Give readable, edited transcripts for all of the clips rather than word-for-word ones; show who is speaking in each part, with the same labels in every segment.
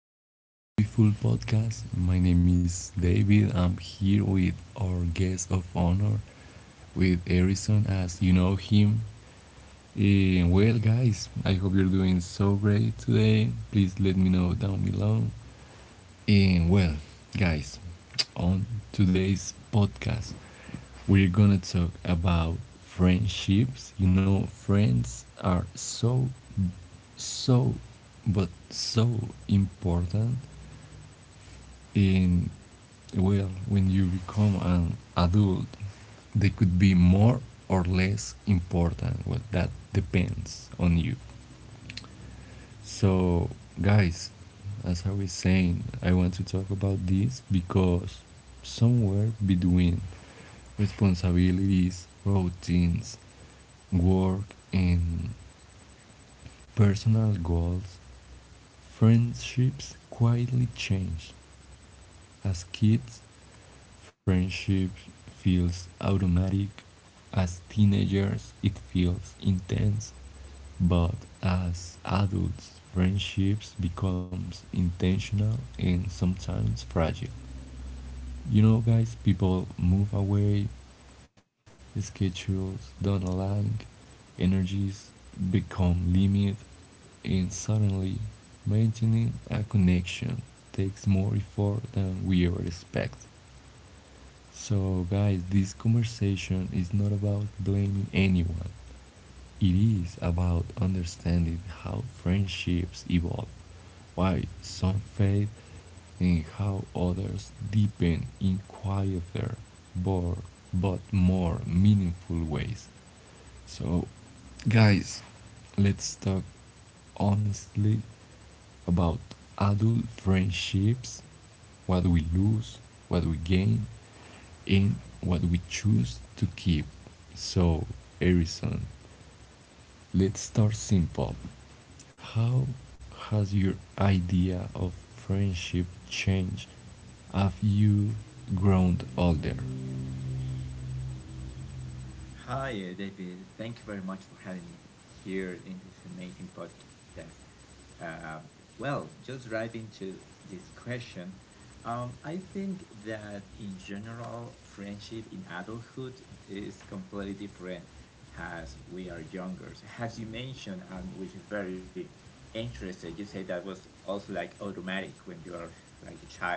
Speaker 1: to our beautiful podcast. My name is David. I'm here with our guest of honor, with Harrison, as you know him. Guys, I hope you're doing so great today. Please let me know down below. And well, guys, on today's podcast, we're gonna talk about friendships. You know, friends are so so important in well when you become an adult, they could be more or less important. Well, that depends on you. So, guys, as I was saying, I want to talk about this because somewhere between responsibilities, routines, work, and personal goals, friendships quietly change. As kids, friendship feels automatic. As teenagers, it feels intense. But as adults, friendships becomes intentional and sometimes fragile. You know, guys, people move away, the schedules don't align, energies become limited, and suddenly maintaining a connection takes more effort than we ever expect. So, guys, this conversation is not about blaming anyone. It is about understanding how friendships evolve, why some fade, and how others deepen in quieter but, but more meaningful ways. So, guys, let's talk honestly about adult friendships: what we lose, what we gain, and what we choose to keep. So, Harrison, let's start simple. How has your idea of friendship changed? Have you grown older?
Speaker 2: Hi, David. Thank you very much for having me here in this amazing podcast. Uh, just right into this question, I think that in general, friendship in adulthood is completely different as we are younger. So as you mentioned, and which is very interesting, you say that was also like automatic when you are like a child,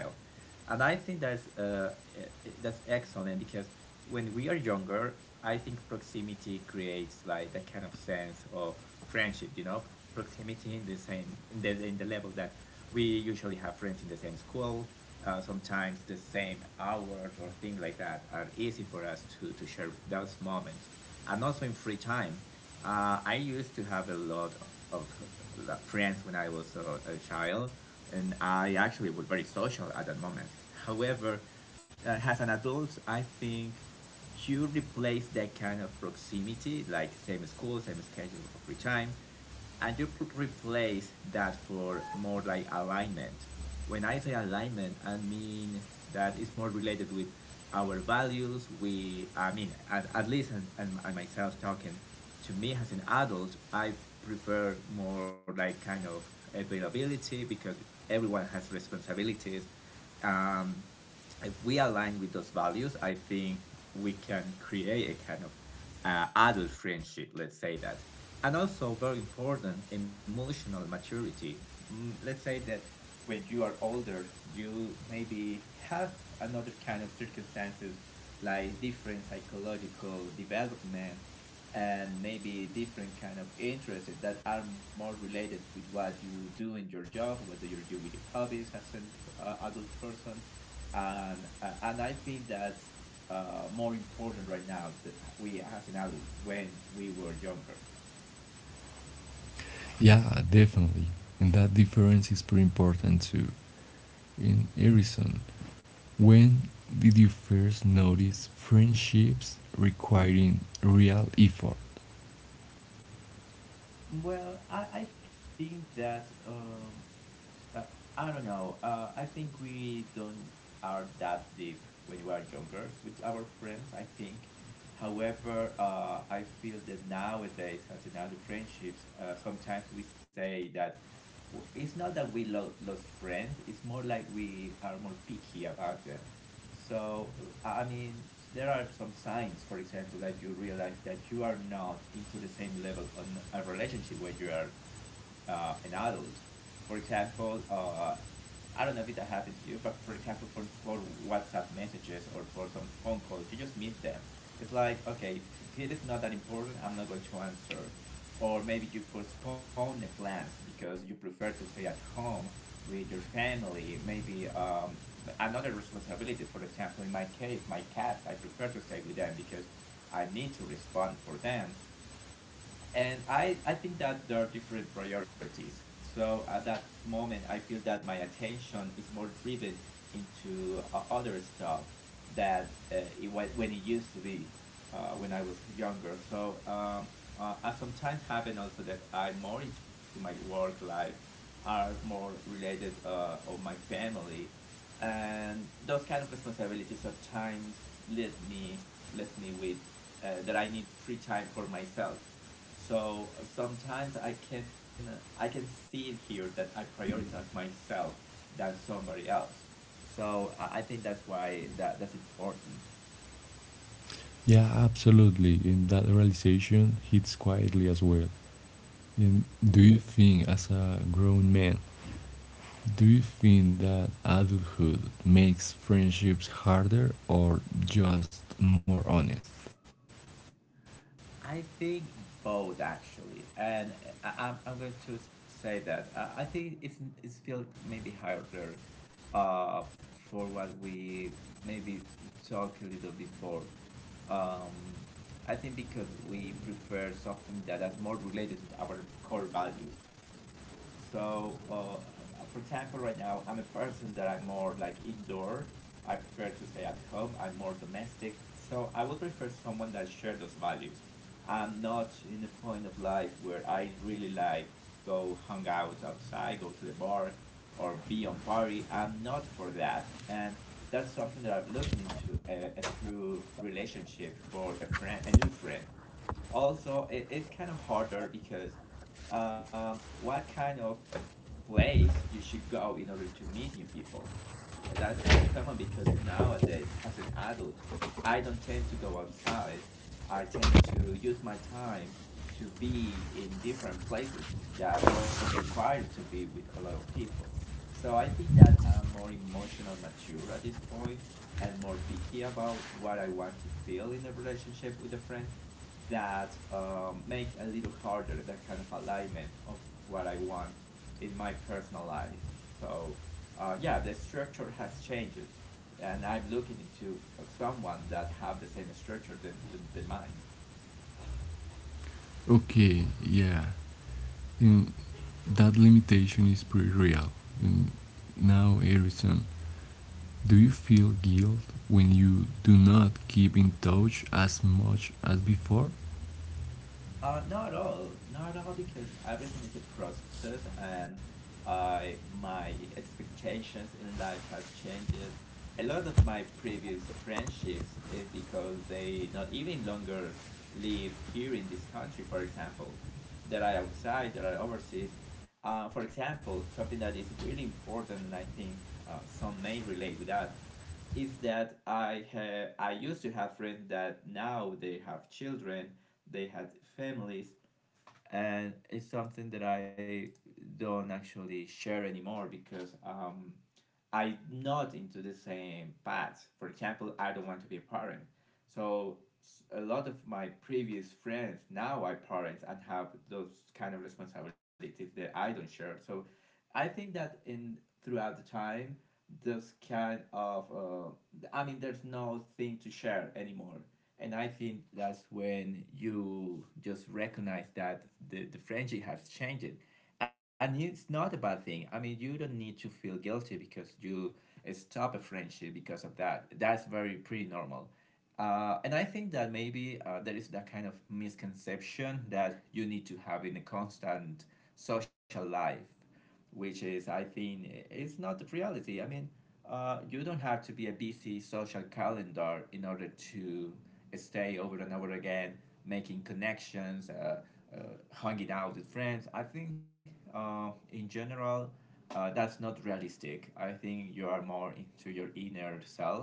Speaker 2: and I think that's that's excellent because when we are younger, I think proximity creates like that kind of sense of friendship. You know, proximity in the same in the level that we usually have friends in the same school. Sometimes the same hours or things like that are easy for us to share those moments, and also in free time. I used to have a lot of friends when I was a child, and I actually was very social at that moment. However, as an adult, I think you replace that kind of proximity, like same school, same schedule of free time, and you replace that for more like alignment. When I say alignment, I mean that it's more related with our values. I mean, at least and myself talking to me as an adult, I prefer more like kind of availability because everyone has responsibilities. Um, if we align with those values, I think we can create a kind of adult friendship, let's say that. And also, very important, emotional maturity. Mm, let's say that when you are older, you maybe have another kind of circumstances, like different psychological development, and maybe different kind of interests that are more related with what you do in your job, what you do with your hobbies as an adult person, and I think that's more important right now that we as an adults when we were younger.
Speaker 1: Yeah, definitely. And that difference is pretty important too. In Harrison, when did you first notice friendships requiring real effort?
Speaker 2: Well, I think that Uh, I don't know. I think we don't are that deep when we are younger with our friends, I think. However, I feel that nowadays, as in other friendships, sometimes we say that it's not that we lost friends. It's more like we are more picky about them. So, I mean, there are some signs, for example, that you realize that you are not into the same level on a relationship where you are an adult. For example, I don't know if that happened to you, but for example, for WhatsApp messages or for some phone calls, you just miss them. It's like, okay, if it is not that important, I'm not going to answer, or maybe you postpone the plans because you prefer to stay at home with your family, maybe another responsibilities, for example, in my case, my cats. I prefer to stay with them because I need to respond for them. And I think that there are different priorities. So at that moment, I feel that my attention is more driven into other stuff that when it used to be when I was younger. I sometimes happen also that I'm more into my work life, are more related of my family, and those kind of responsibilities sometimes lead me left me with that I need free time for myself. So sometimes I can see it here that I prioritize myself than somebody else. So I think that's why that's important.
Speaker 1: Yeah, absolutely. And that realization hits quietly as well. And do you think, as a grown man, do you think that adulthood makes friendships harder or just more honest?
Speaker 2: I think both actually, and I'm going to say that I think it's feel maybe harder, uh, for what we maybe talk a little before, um, I think because we prefer something that is more related with our core values. So, for example, right now I'm a person that I'm more like indoor. I prefer to stay at home. I'm more domestic. So I would prefer someone that shares those values. I'm not in a point of life where I really like go hang out outside, go to the bar, or be on party. I'm not for that, and that's something that I'm looking into a true relationship for a friend, a new friend. Also, it's kind of harder because what kind of place you should go in order to meet new people. That's not common because nowadays, as an adult, I don't tend to go outside. I tend to use my time to be in different places that don't require to be with a lot of people. So I think that I'm more emotional mature at this point and more picky about what I want to feel in a relationship with a friend that make a little harder that kind of alignment of what I want in my personal life. So yeah, the structure has changed, and I'm looking into someone that have the same structure than, mine.
Speaker 1: Okay, yeah. Mm, that limitation is pretty real. Mm, now, Harrison, do you feel guilt when you do not keep in touch as much as before?
Speaker 2: Not all, not all, because everything is a process, and I my expectations in life has changed. A lot of my previous friendships is because they not even longer live here in this country. For example, that are outside, that are overseas. For example, something that is really important, and I think some may relate with that is that I used to have friends that now they have children, they had families, and it's something that I don't actually share anymore because I'm not into the same path. For example, I don't want to be a parent. So a lot of my previous friends now are parents and have those kind of responsibilities that I don't share. So I think that in throughout the time, those kind of I mean, there's no thing to share anymore. And I think that's when you just recognize that the friendship has changed, and it's not a bad thing. I mean, you don't need to feel guilty because you stop a friendship because of that. That's very pretty normal. And I think that maybe there is that kind of misconception that you need to have in a constant social life, which is, I think it's not the reality. I mean, you don't have to be a busy social calendar in order to stay over and over again, making connections, uh, hanging out with friends. I think in general, that's not realistic. I think you are more into your inner self,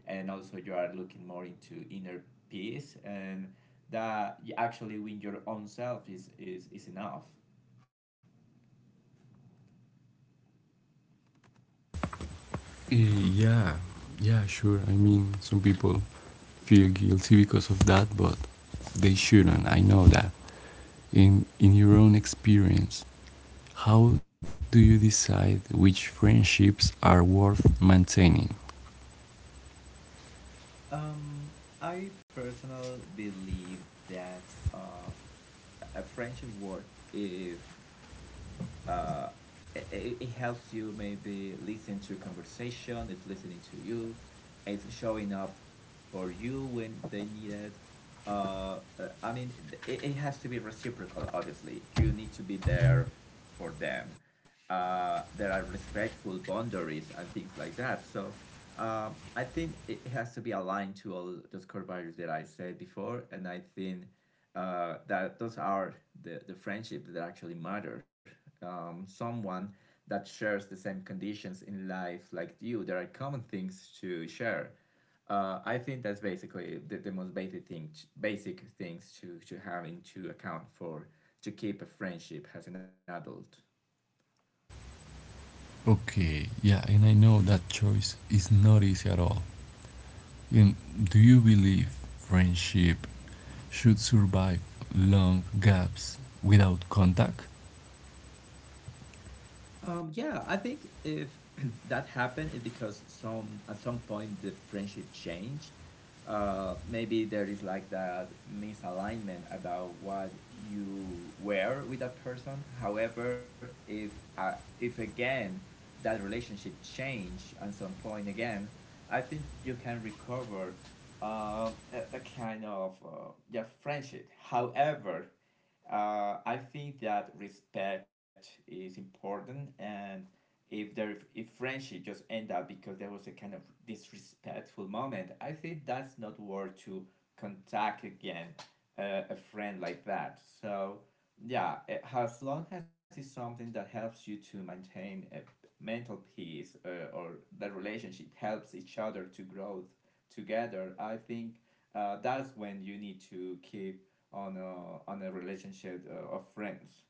Speaker 2: and also you are looking more into inner peace, and that you actually win your own self is enough.
Speaker 1: Yeah, yeah, sure. I mean, some people feel guilty because of that, but they shouldn't. I know that. In your own experience, how do you decide which friendships are worth maintaining?
Speaker 2: Um, I personally believe that a friendship worth if uh, it helps you maybe listen to a conversation, it's listening to you, it's showing up for you when they need it. I mean, it has to be reciprocal. Obviously you need to be there for them. There are respectful boundaries and things like that. So uh, I think it has to be aligned to all those core values that I said before, and I think that those are the friendships that actually matter. Someone that shares the same conditions in life like you, there are common things to share. I think that's basically the most basic thing, basic things to have into account for to keep a friendship as an adult.
Speaker 1: Okay, yeah, and I know that choice is not easy at all. And do you believe friendship should survive long gaps without contact?
Speaker 2: Yeah, I think if that happened, it's because some at some point the friendship changed. Maybe there is like that misalignment about what you were with that person. However, if again that relationship change at some point again, I think you can recover that kind of yeah, friendship. However, I think that respect is important, and if friendship just end up because there was a kind of disrespectful moment, I think that's not worth to contact again a friend like that. So yeah, eh, as long as it's something that helps you to maintain a mental peace or the relationship helps each other to grow together, I think that's when you need to keep on on a relationship of friends.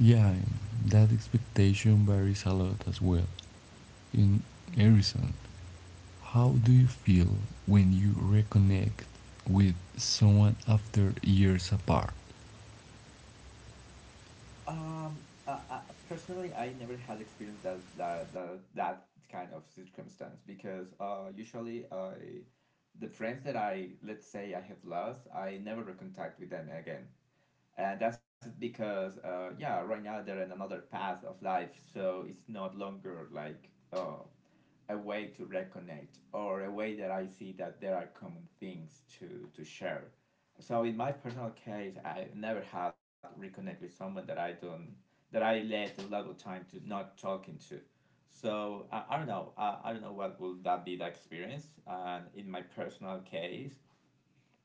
Speaker 1: Yeah, that expectation varies a lot as well. In Harrison, how do you feel when you reconnect with someone after years apart?
Speaker 2: Um, uh, uh, personally, I never had experienced that kind of circumstance because usually I, the friends that I, let's say I have lost, I never contact with them again, and that's because yeah, right now they're in another path of life, so it's not longer like uh, a way to reconnect or a way that I see that there are common things to share. So in my personal case, I never had reconnect with someone that I don't that I let a lot of time to not talking to. So I don't know. I don't know what will that be the experience. And In my personal case,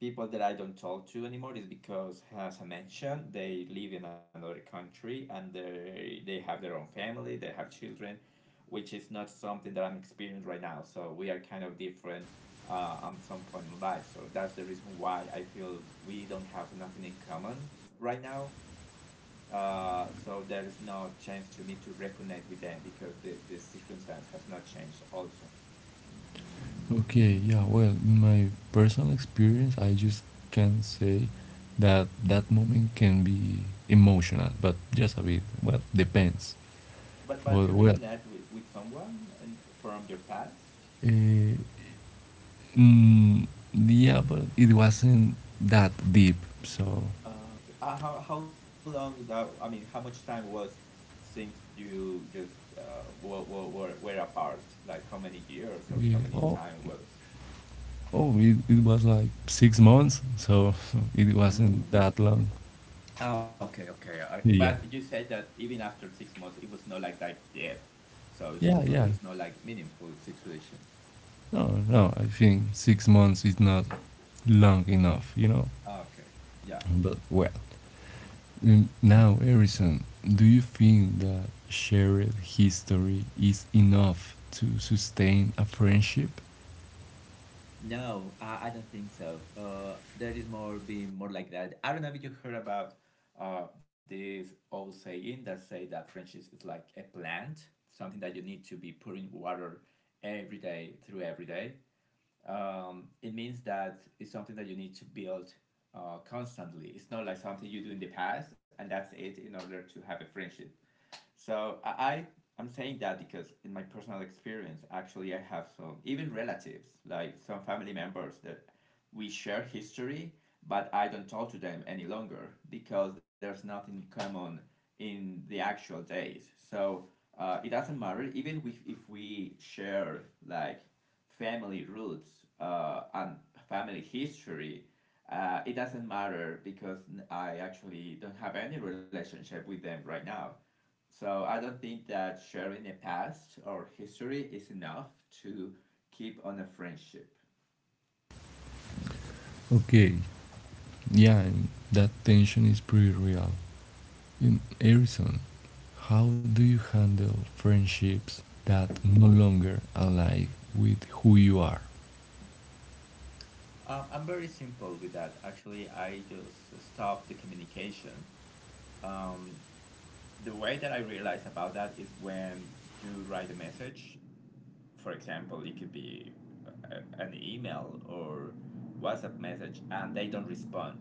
Speaker 2: people that I don't talk to anymore is because, as I mentioned, they live in another country and they have their own family, they have children, which is not something that I'm experiencing right now. So we are kind of different at some point in life. So that's the reason why I feel we don't have nothing in common right now. So there is no chance to me to reconnect with them because the circumstance has not changed also.
Speaker 1: Okay, yeah, well, in my personal experience, I just can say that that moment can be emotional, but just a bit. Well, depends.
Speaker 2: But
Speaker 1: But
Speaker 2: you
Speaker 1: well,
Speaker 2: reconnect with someone and from your past?
Speaker 1: uh, mm, yeah, but it wasn't that deep, so
Speaker 2: Okay. How long that? I mean, how much time was since you just were apart? Like how many years or how
Speaker 1: Yeah.
Speaker 2: many
Speaker 1: Oh,
Speaker 2: time was?
Speaker 1: oh, it was like six months, so it wasn't
Speaker 2: Mm.
Speaker 1: that long.
Speaker 2: Okay, okay. But
Speaker 1: Yeah,
Speaker 2: you said that even after 6 months, it was not like that deep, so it's not,
Speaker 1: yeah,
Speaker 2: not it
Speaker 1: yeah.
Speaker 2: was not like meaningful situation.
Speaker 1: No, no, I think six months is not long enough, you know.
Speaker 2: Okay, yeah.
Speaker 1: But well, now, Harrison, do you think that shared history is enough to sustain a friendship?
Speaker 2: No, I don't think so. There is more being more like that. I don't know if you heard about this old saying that say that friendship is like a plant, something that you need to be putting water every day through every day. It means that it's something that you need to build constantly. It's not like something you do in the past and that's it in order to have a friendship. So I am saying that because in my personal experience, actually, I have some even relatives, like some family members that we share history, but I don't talk to them any longer because there's nothing common in the actual days. So it doesn't matter, even if we share like family roots and family history. It doesn't matter because I actually don't have any relationship with them right now. So I don't think that sharing a past or history is enough to keep on a friendship.
Speaker 1: Okay, yeah, and that tension is pretty real. In Harrison, how do you handle friendships that no longer align with who you are?
Speaker 2: I'm very simple with that. Actually, I just stop the communication. Um, the way that I realize about that is when you write a message, for example, it could be an email or WhatsApp message, and they don't respond.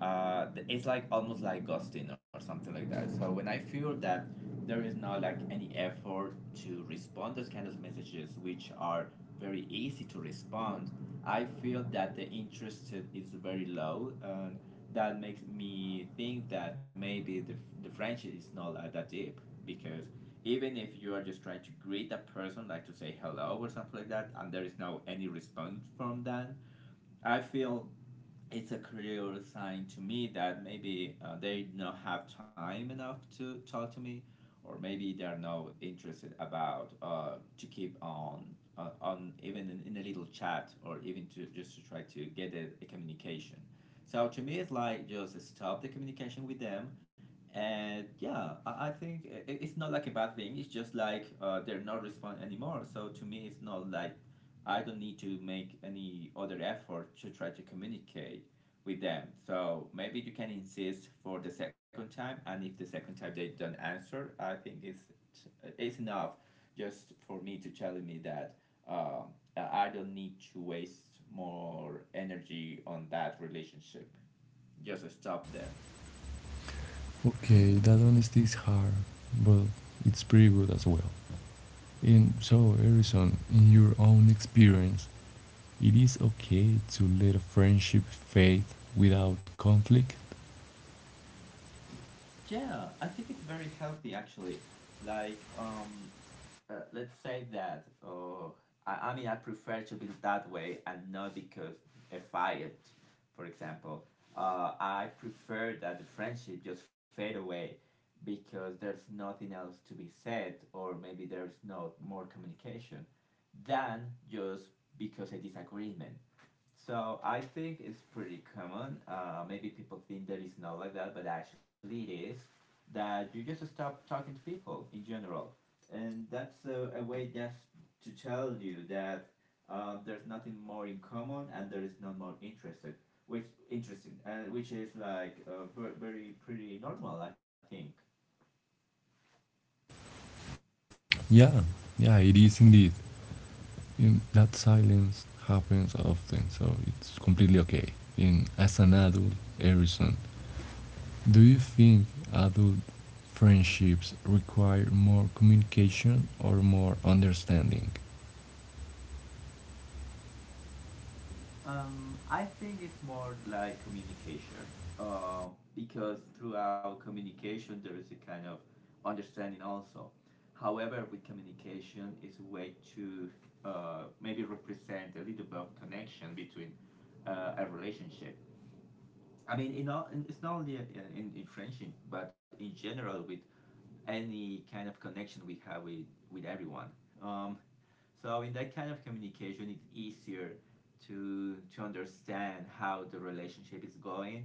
Speaker 2: It's like almost like ghosting or something like that. So when I feel that there is not like any effort to respond those kind of messages, which are very easy to respond, I feel that the interest is very low, and that makes me think that maybe the friendship is not that deep because even if you are just trying to greet a person like to say hello or something like that and there is no any response from them, I feel it's a clear sign to me that maybe they don't have time enough to talk to me, or maybe they're not interested about to keep on even in a little chat or even to just to try to get a communication. So to me it's like just stop the communication with them. And yeah, I think it's not like a bad thing, it's just like they're not responding anymore, so to me it's not like I don't need to make any other effort to try to communicate with them. So maybe you can insist for the second time, and if the second time they don't answer, I think it's enough just for me to tell me that I don't need to waste more energy on that relationship. Just stop there.
Speaker 1: Okay, that honesty is hard, but it's pretty good as well. And so, Harrison, in your own experience, it is okay to let a friendship fade without conflict?
Speaker 2: Yeah, I think it's very healthy actually. Like um, let's say that I mean I prefer to build that way and not because if I it, for example, I prefer that the friendship just fade away because there's nothing else to be said, or maybe there's no more communication than just because a disagreement. So I think it's pretty common. Maybe people think that it's not like that, but actually it is. That you just stop talking to people in general, and that's a way just to tell you that there's nothing more in common and there is no more interested, which interesting, which is like very pretty normal, I think.
Speaker 1: Yeah, yeah, it is indeed. And that silence happens often, so it's completely okay. And as an adult, Harrison, do you think adult friendships require more communication or more understanding?
Speaker 2: I think it's more like communication, uh, because through our communication there is a kind of understanding also. However, with communication, it's a way to maybe represent a little bit of connection between a relationship. I mean, it's not only in friendship, but in general with any kind of connection we have with everyone. Um, so in that kind of communication, it's easier to understand how the relationship is going,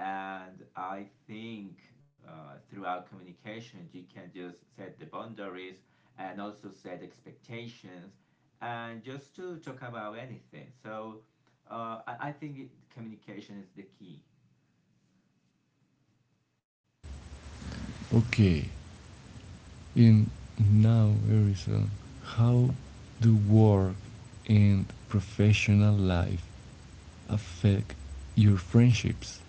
Speaker 2: and I think throughout communication, you can just set the boundaries and also set expectations, and just to talk about anything. So I think communication is the key.
Speaker 1: Okay, in now, Harrison, how do work and professional life affect your friendships?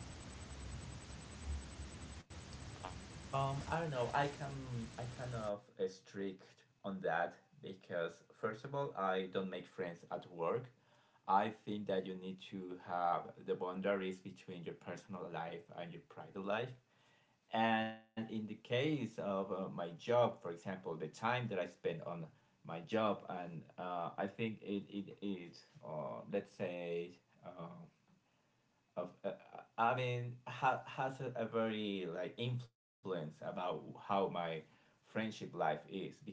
Speaker 2: I don't know. I can I kind of strict on that because first of all, I don't make friends at work. I think that you need to have the boundaries between your personal life and your private life. And in the case of my job, for example, the time that I spend on my job, and I think it is, let's say, of, I mean, has a very like influence about how my friendship life is because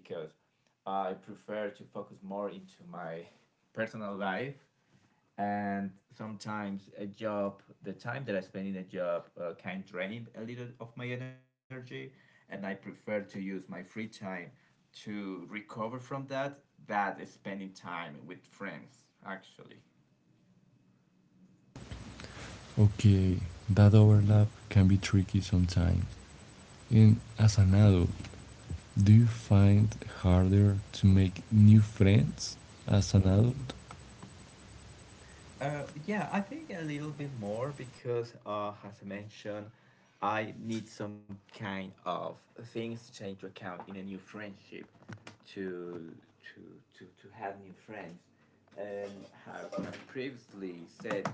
Speaker 2: I prefer to focus more into my personal life, and sometimes a job, the time that I spend in a job, can drain a little of my energy, and I prefer to use my free time to recover from that, that is spending time with friends actually.
Speaker 1: Okay, that overlap can be tricky sometimes. And as an adult, do you find it harder to make new friends as an adult?
Speaker 2: Yeah, I think a little bit more because, as I mentioned, I need some kind of things to take into account in a new friendship to to have new friends. And have I previously said,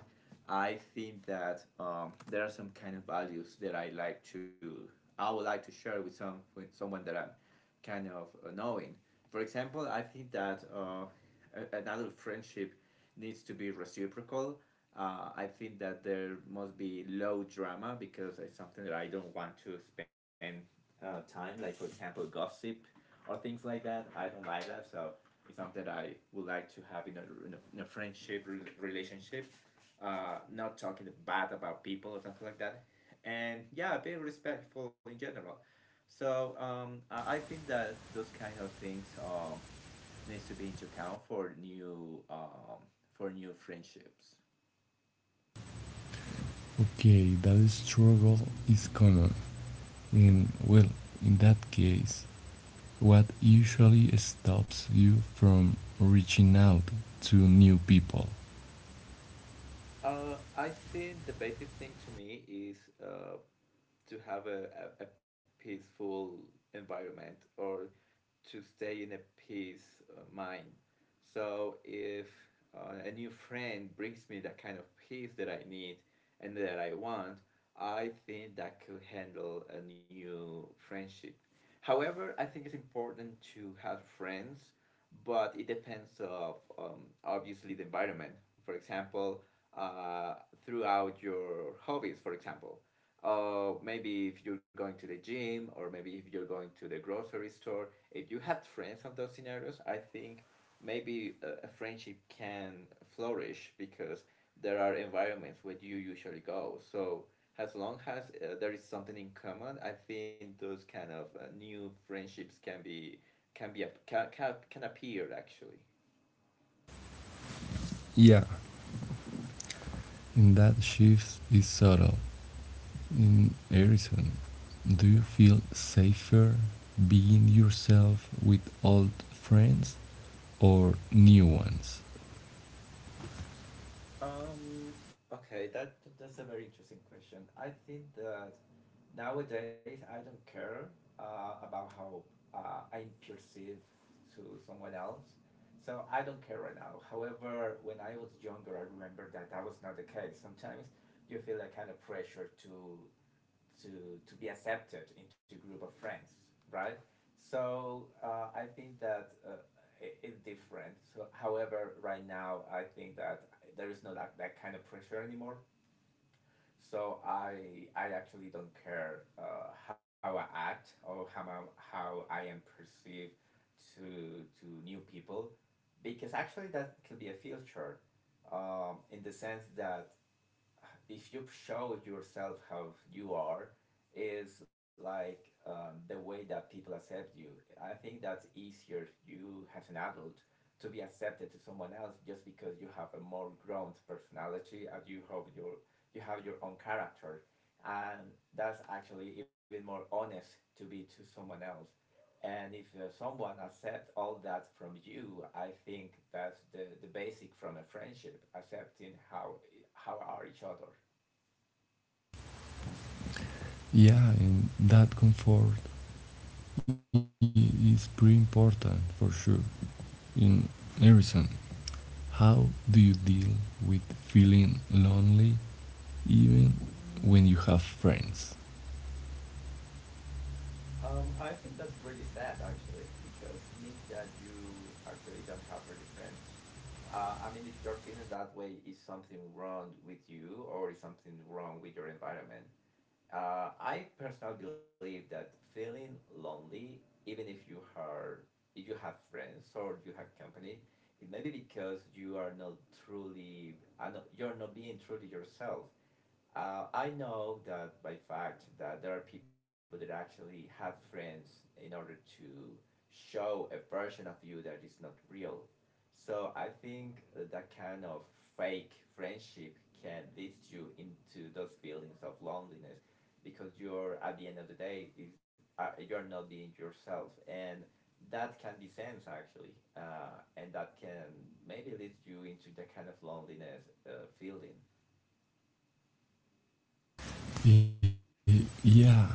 Speaker 2: I think that there are some kind of values that I like to I would like to share with some with someone that I'm kind of knowing. For example, I think that an adult friendship needs to be reciprocal. I think that there must be low drama because it's something that I don't want to spend time, like for example, gossip or things like that. I don't like that, so it's something that I would like to have in a, in a friendship relationship. Not talking bad about people or something like that. And yeah, being respectful in general. So I think that those kind of things needs to be into account for new friendships.
Speaker 1: Okay, that struggle is common. And well, in that case, what usually stops you from reaching out to new people?
Speaker 2: I think the basic thing to me is to have a peaceful environment or to stay in a peace mind. So if a new friend brings me that kind of peace that I need and that I want, I think that could handle a new friendship. However, I think it's important to have friends, but it depends of obviously the environment. For example, uh, throughout your hobbies, for example, maybe if you're going to the gym or maybe if you're going to the grocery store, if you had friends on those scenarios, I think maybe a friendship can flourish because there are environments where you usually go. So as long as there is something in common, I think those kind of new friendships can be can be can appear actually.
Speaker 1: Yeah. And that shift is subtle. In Harrison, do you feel safer being yourself with old friends or new ones?
Speaker 2: Um, okay, that's a very interesting question. I think that nowadays I don't care about how I'm perceived to someone else. So I don't care right now. However, when I was younger, I remember that that was not the case. Sometimes you feel a kind of pressure to be accepted into a group of friends, right? So I think that it's different. So, however, right now I think that there is no that, that kind of pressure anymore. So I actually don't care how I act or how I am perceived to new people because actually that could be a filter in the sense that if you show yourself how you are is like the way that people accept you, I think that's easier you as an adult to be accepted to someone else just because you have a more grown personality and you have your own character, and that's actually even more honest to be to someone else. And if someone accepts all that from you, I think that's the basic from a friendship, accepting how are each other.
Speaker 1: Yeah, and that comfort is pretty important for sure. In Harrison, how do you deal with feeling lonely even when you have friends?
Speaker 2: I think that's really sad actually, because it means that you actually don't have really friends. I mean, if you're feeling that way, is something wrong with you or is something wrong with your environment? I personally believe that feeling lonely, even if you are, if you have friends or you have company, it may be because you are not you're not being truly yourself. I know that by fact that there are people that actually have friends in order to show a version of you that is not real. So I think that kind of fake friendship can lead you into those feelings of loneliness because you're at the end of the day is you're not being yourself, and that can be sense actually, and that can maybe lead you into that kind of loneliness feeling.
Speaker 1: Yeah,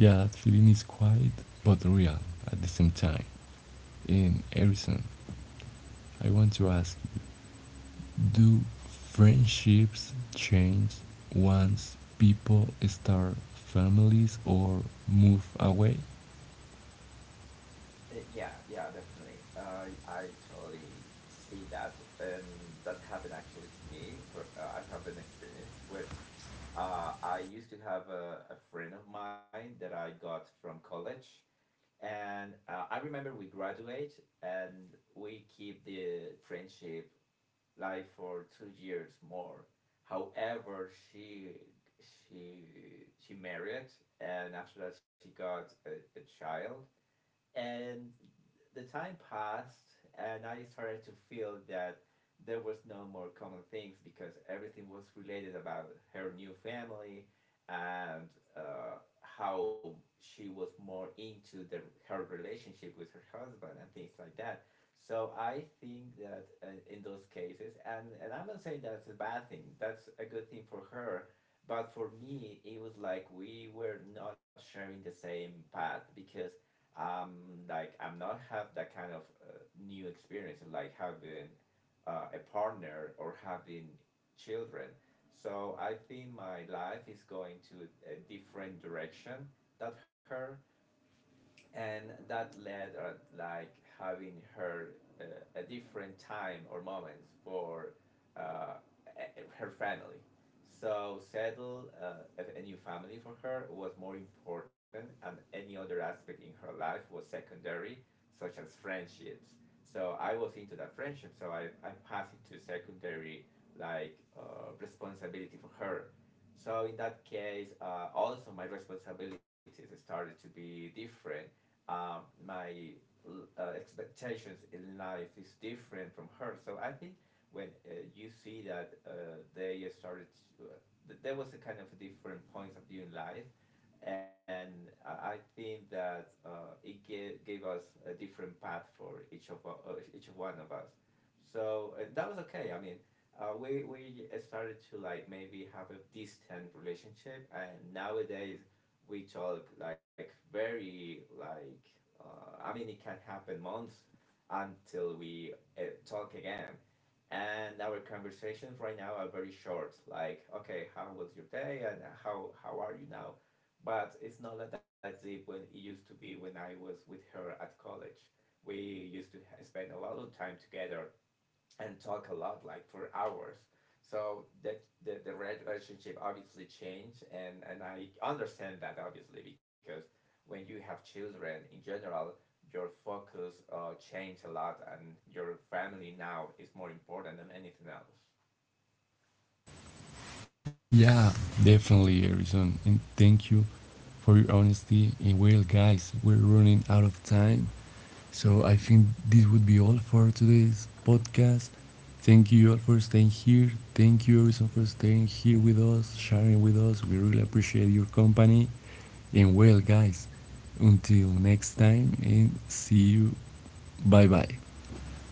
Speaker 1: yeah, that feeling is quiet but real at the same time. In Harrison, I want to ask, do friendships change once people start families or move away?
Speaker 2: Yeah, yeah, definitely. I actually see that, and that happened actually to me. But I have an experience with. I used to have a friend of mine that I got from college, and I remember we graduate, and we keep the friendship live for 2 years more. However, she she married, and after that she got a child, and the time passed, and I started to feel that there was no more common things because everything was related about her new family, and uh, how she was more into her relationship with her husband and things like that. So I think that in those cases, and I'm not saying that's a bad thing, that's a good thing for her, but for me it was like we were not sharing the same path because um, like I'm not have that kind of uh, new experience like having a partner or having children. So I think my life is going to a different direction that her, and that led at like having her uh, a different time or moments for uh, her family. So settle a new family for her was more important, and any other aspect in her life was secondary, such as friendships. So I was into that friendship, so I passed into secondary like responsibility for her. So in that case, also my responsibilities started to be different, uh, my expectations in life is different from her. So I think when you see that they started, to, uh, there was a kind of different points of view in life, and I think that it gave us a different path for each of each one of us. So that was okay. I mean, we started to like maybe have a distant relationship, and nowadays we talk like very like I mean it can happen months until we talk again. And our conversations right now are very short. Like, okay, how was your day, and how are you now? But it's not like that deep when it used to be when I was with her at college. We used to spend a lot of time together and talk a lot, like for hours. So that the relationship obviously changed, and I understand that obviously because when you have children in general, your focus changed a lot, and your family now is more important than anything else.
Speaker 1: Yeah, definitely, Harrison. And thank you for your honesty. And well, guys, we're running out of time. So I think this would be all for today's podcast. Thank you all for staying here. Thank you, Harrison, for staying here with us, sharing with us. We really appreciate your company. And well, guys, until next time, and see you. Bye bye.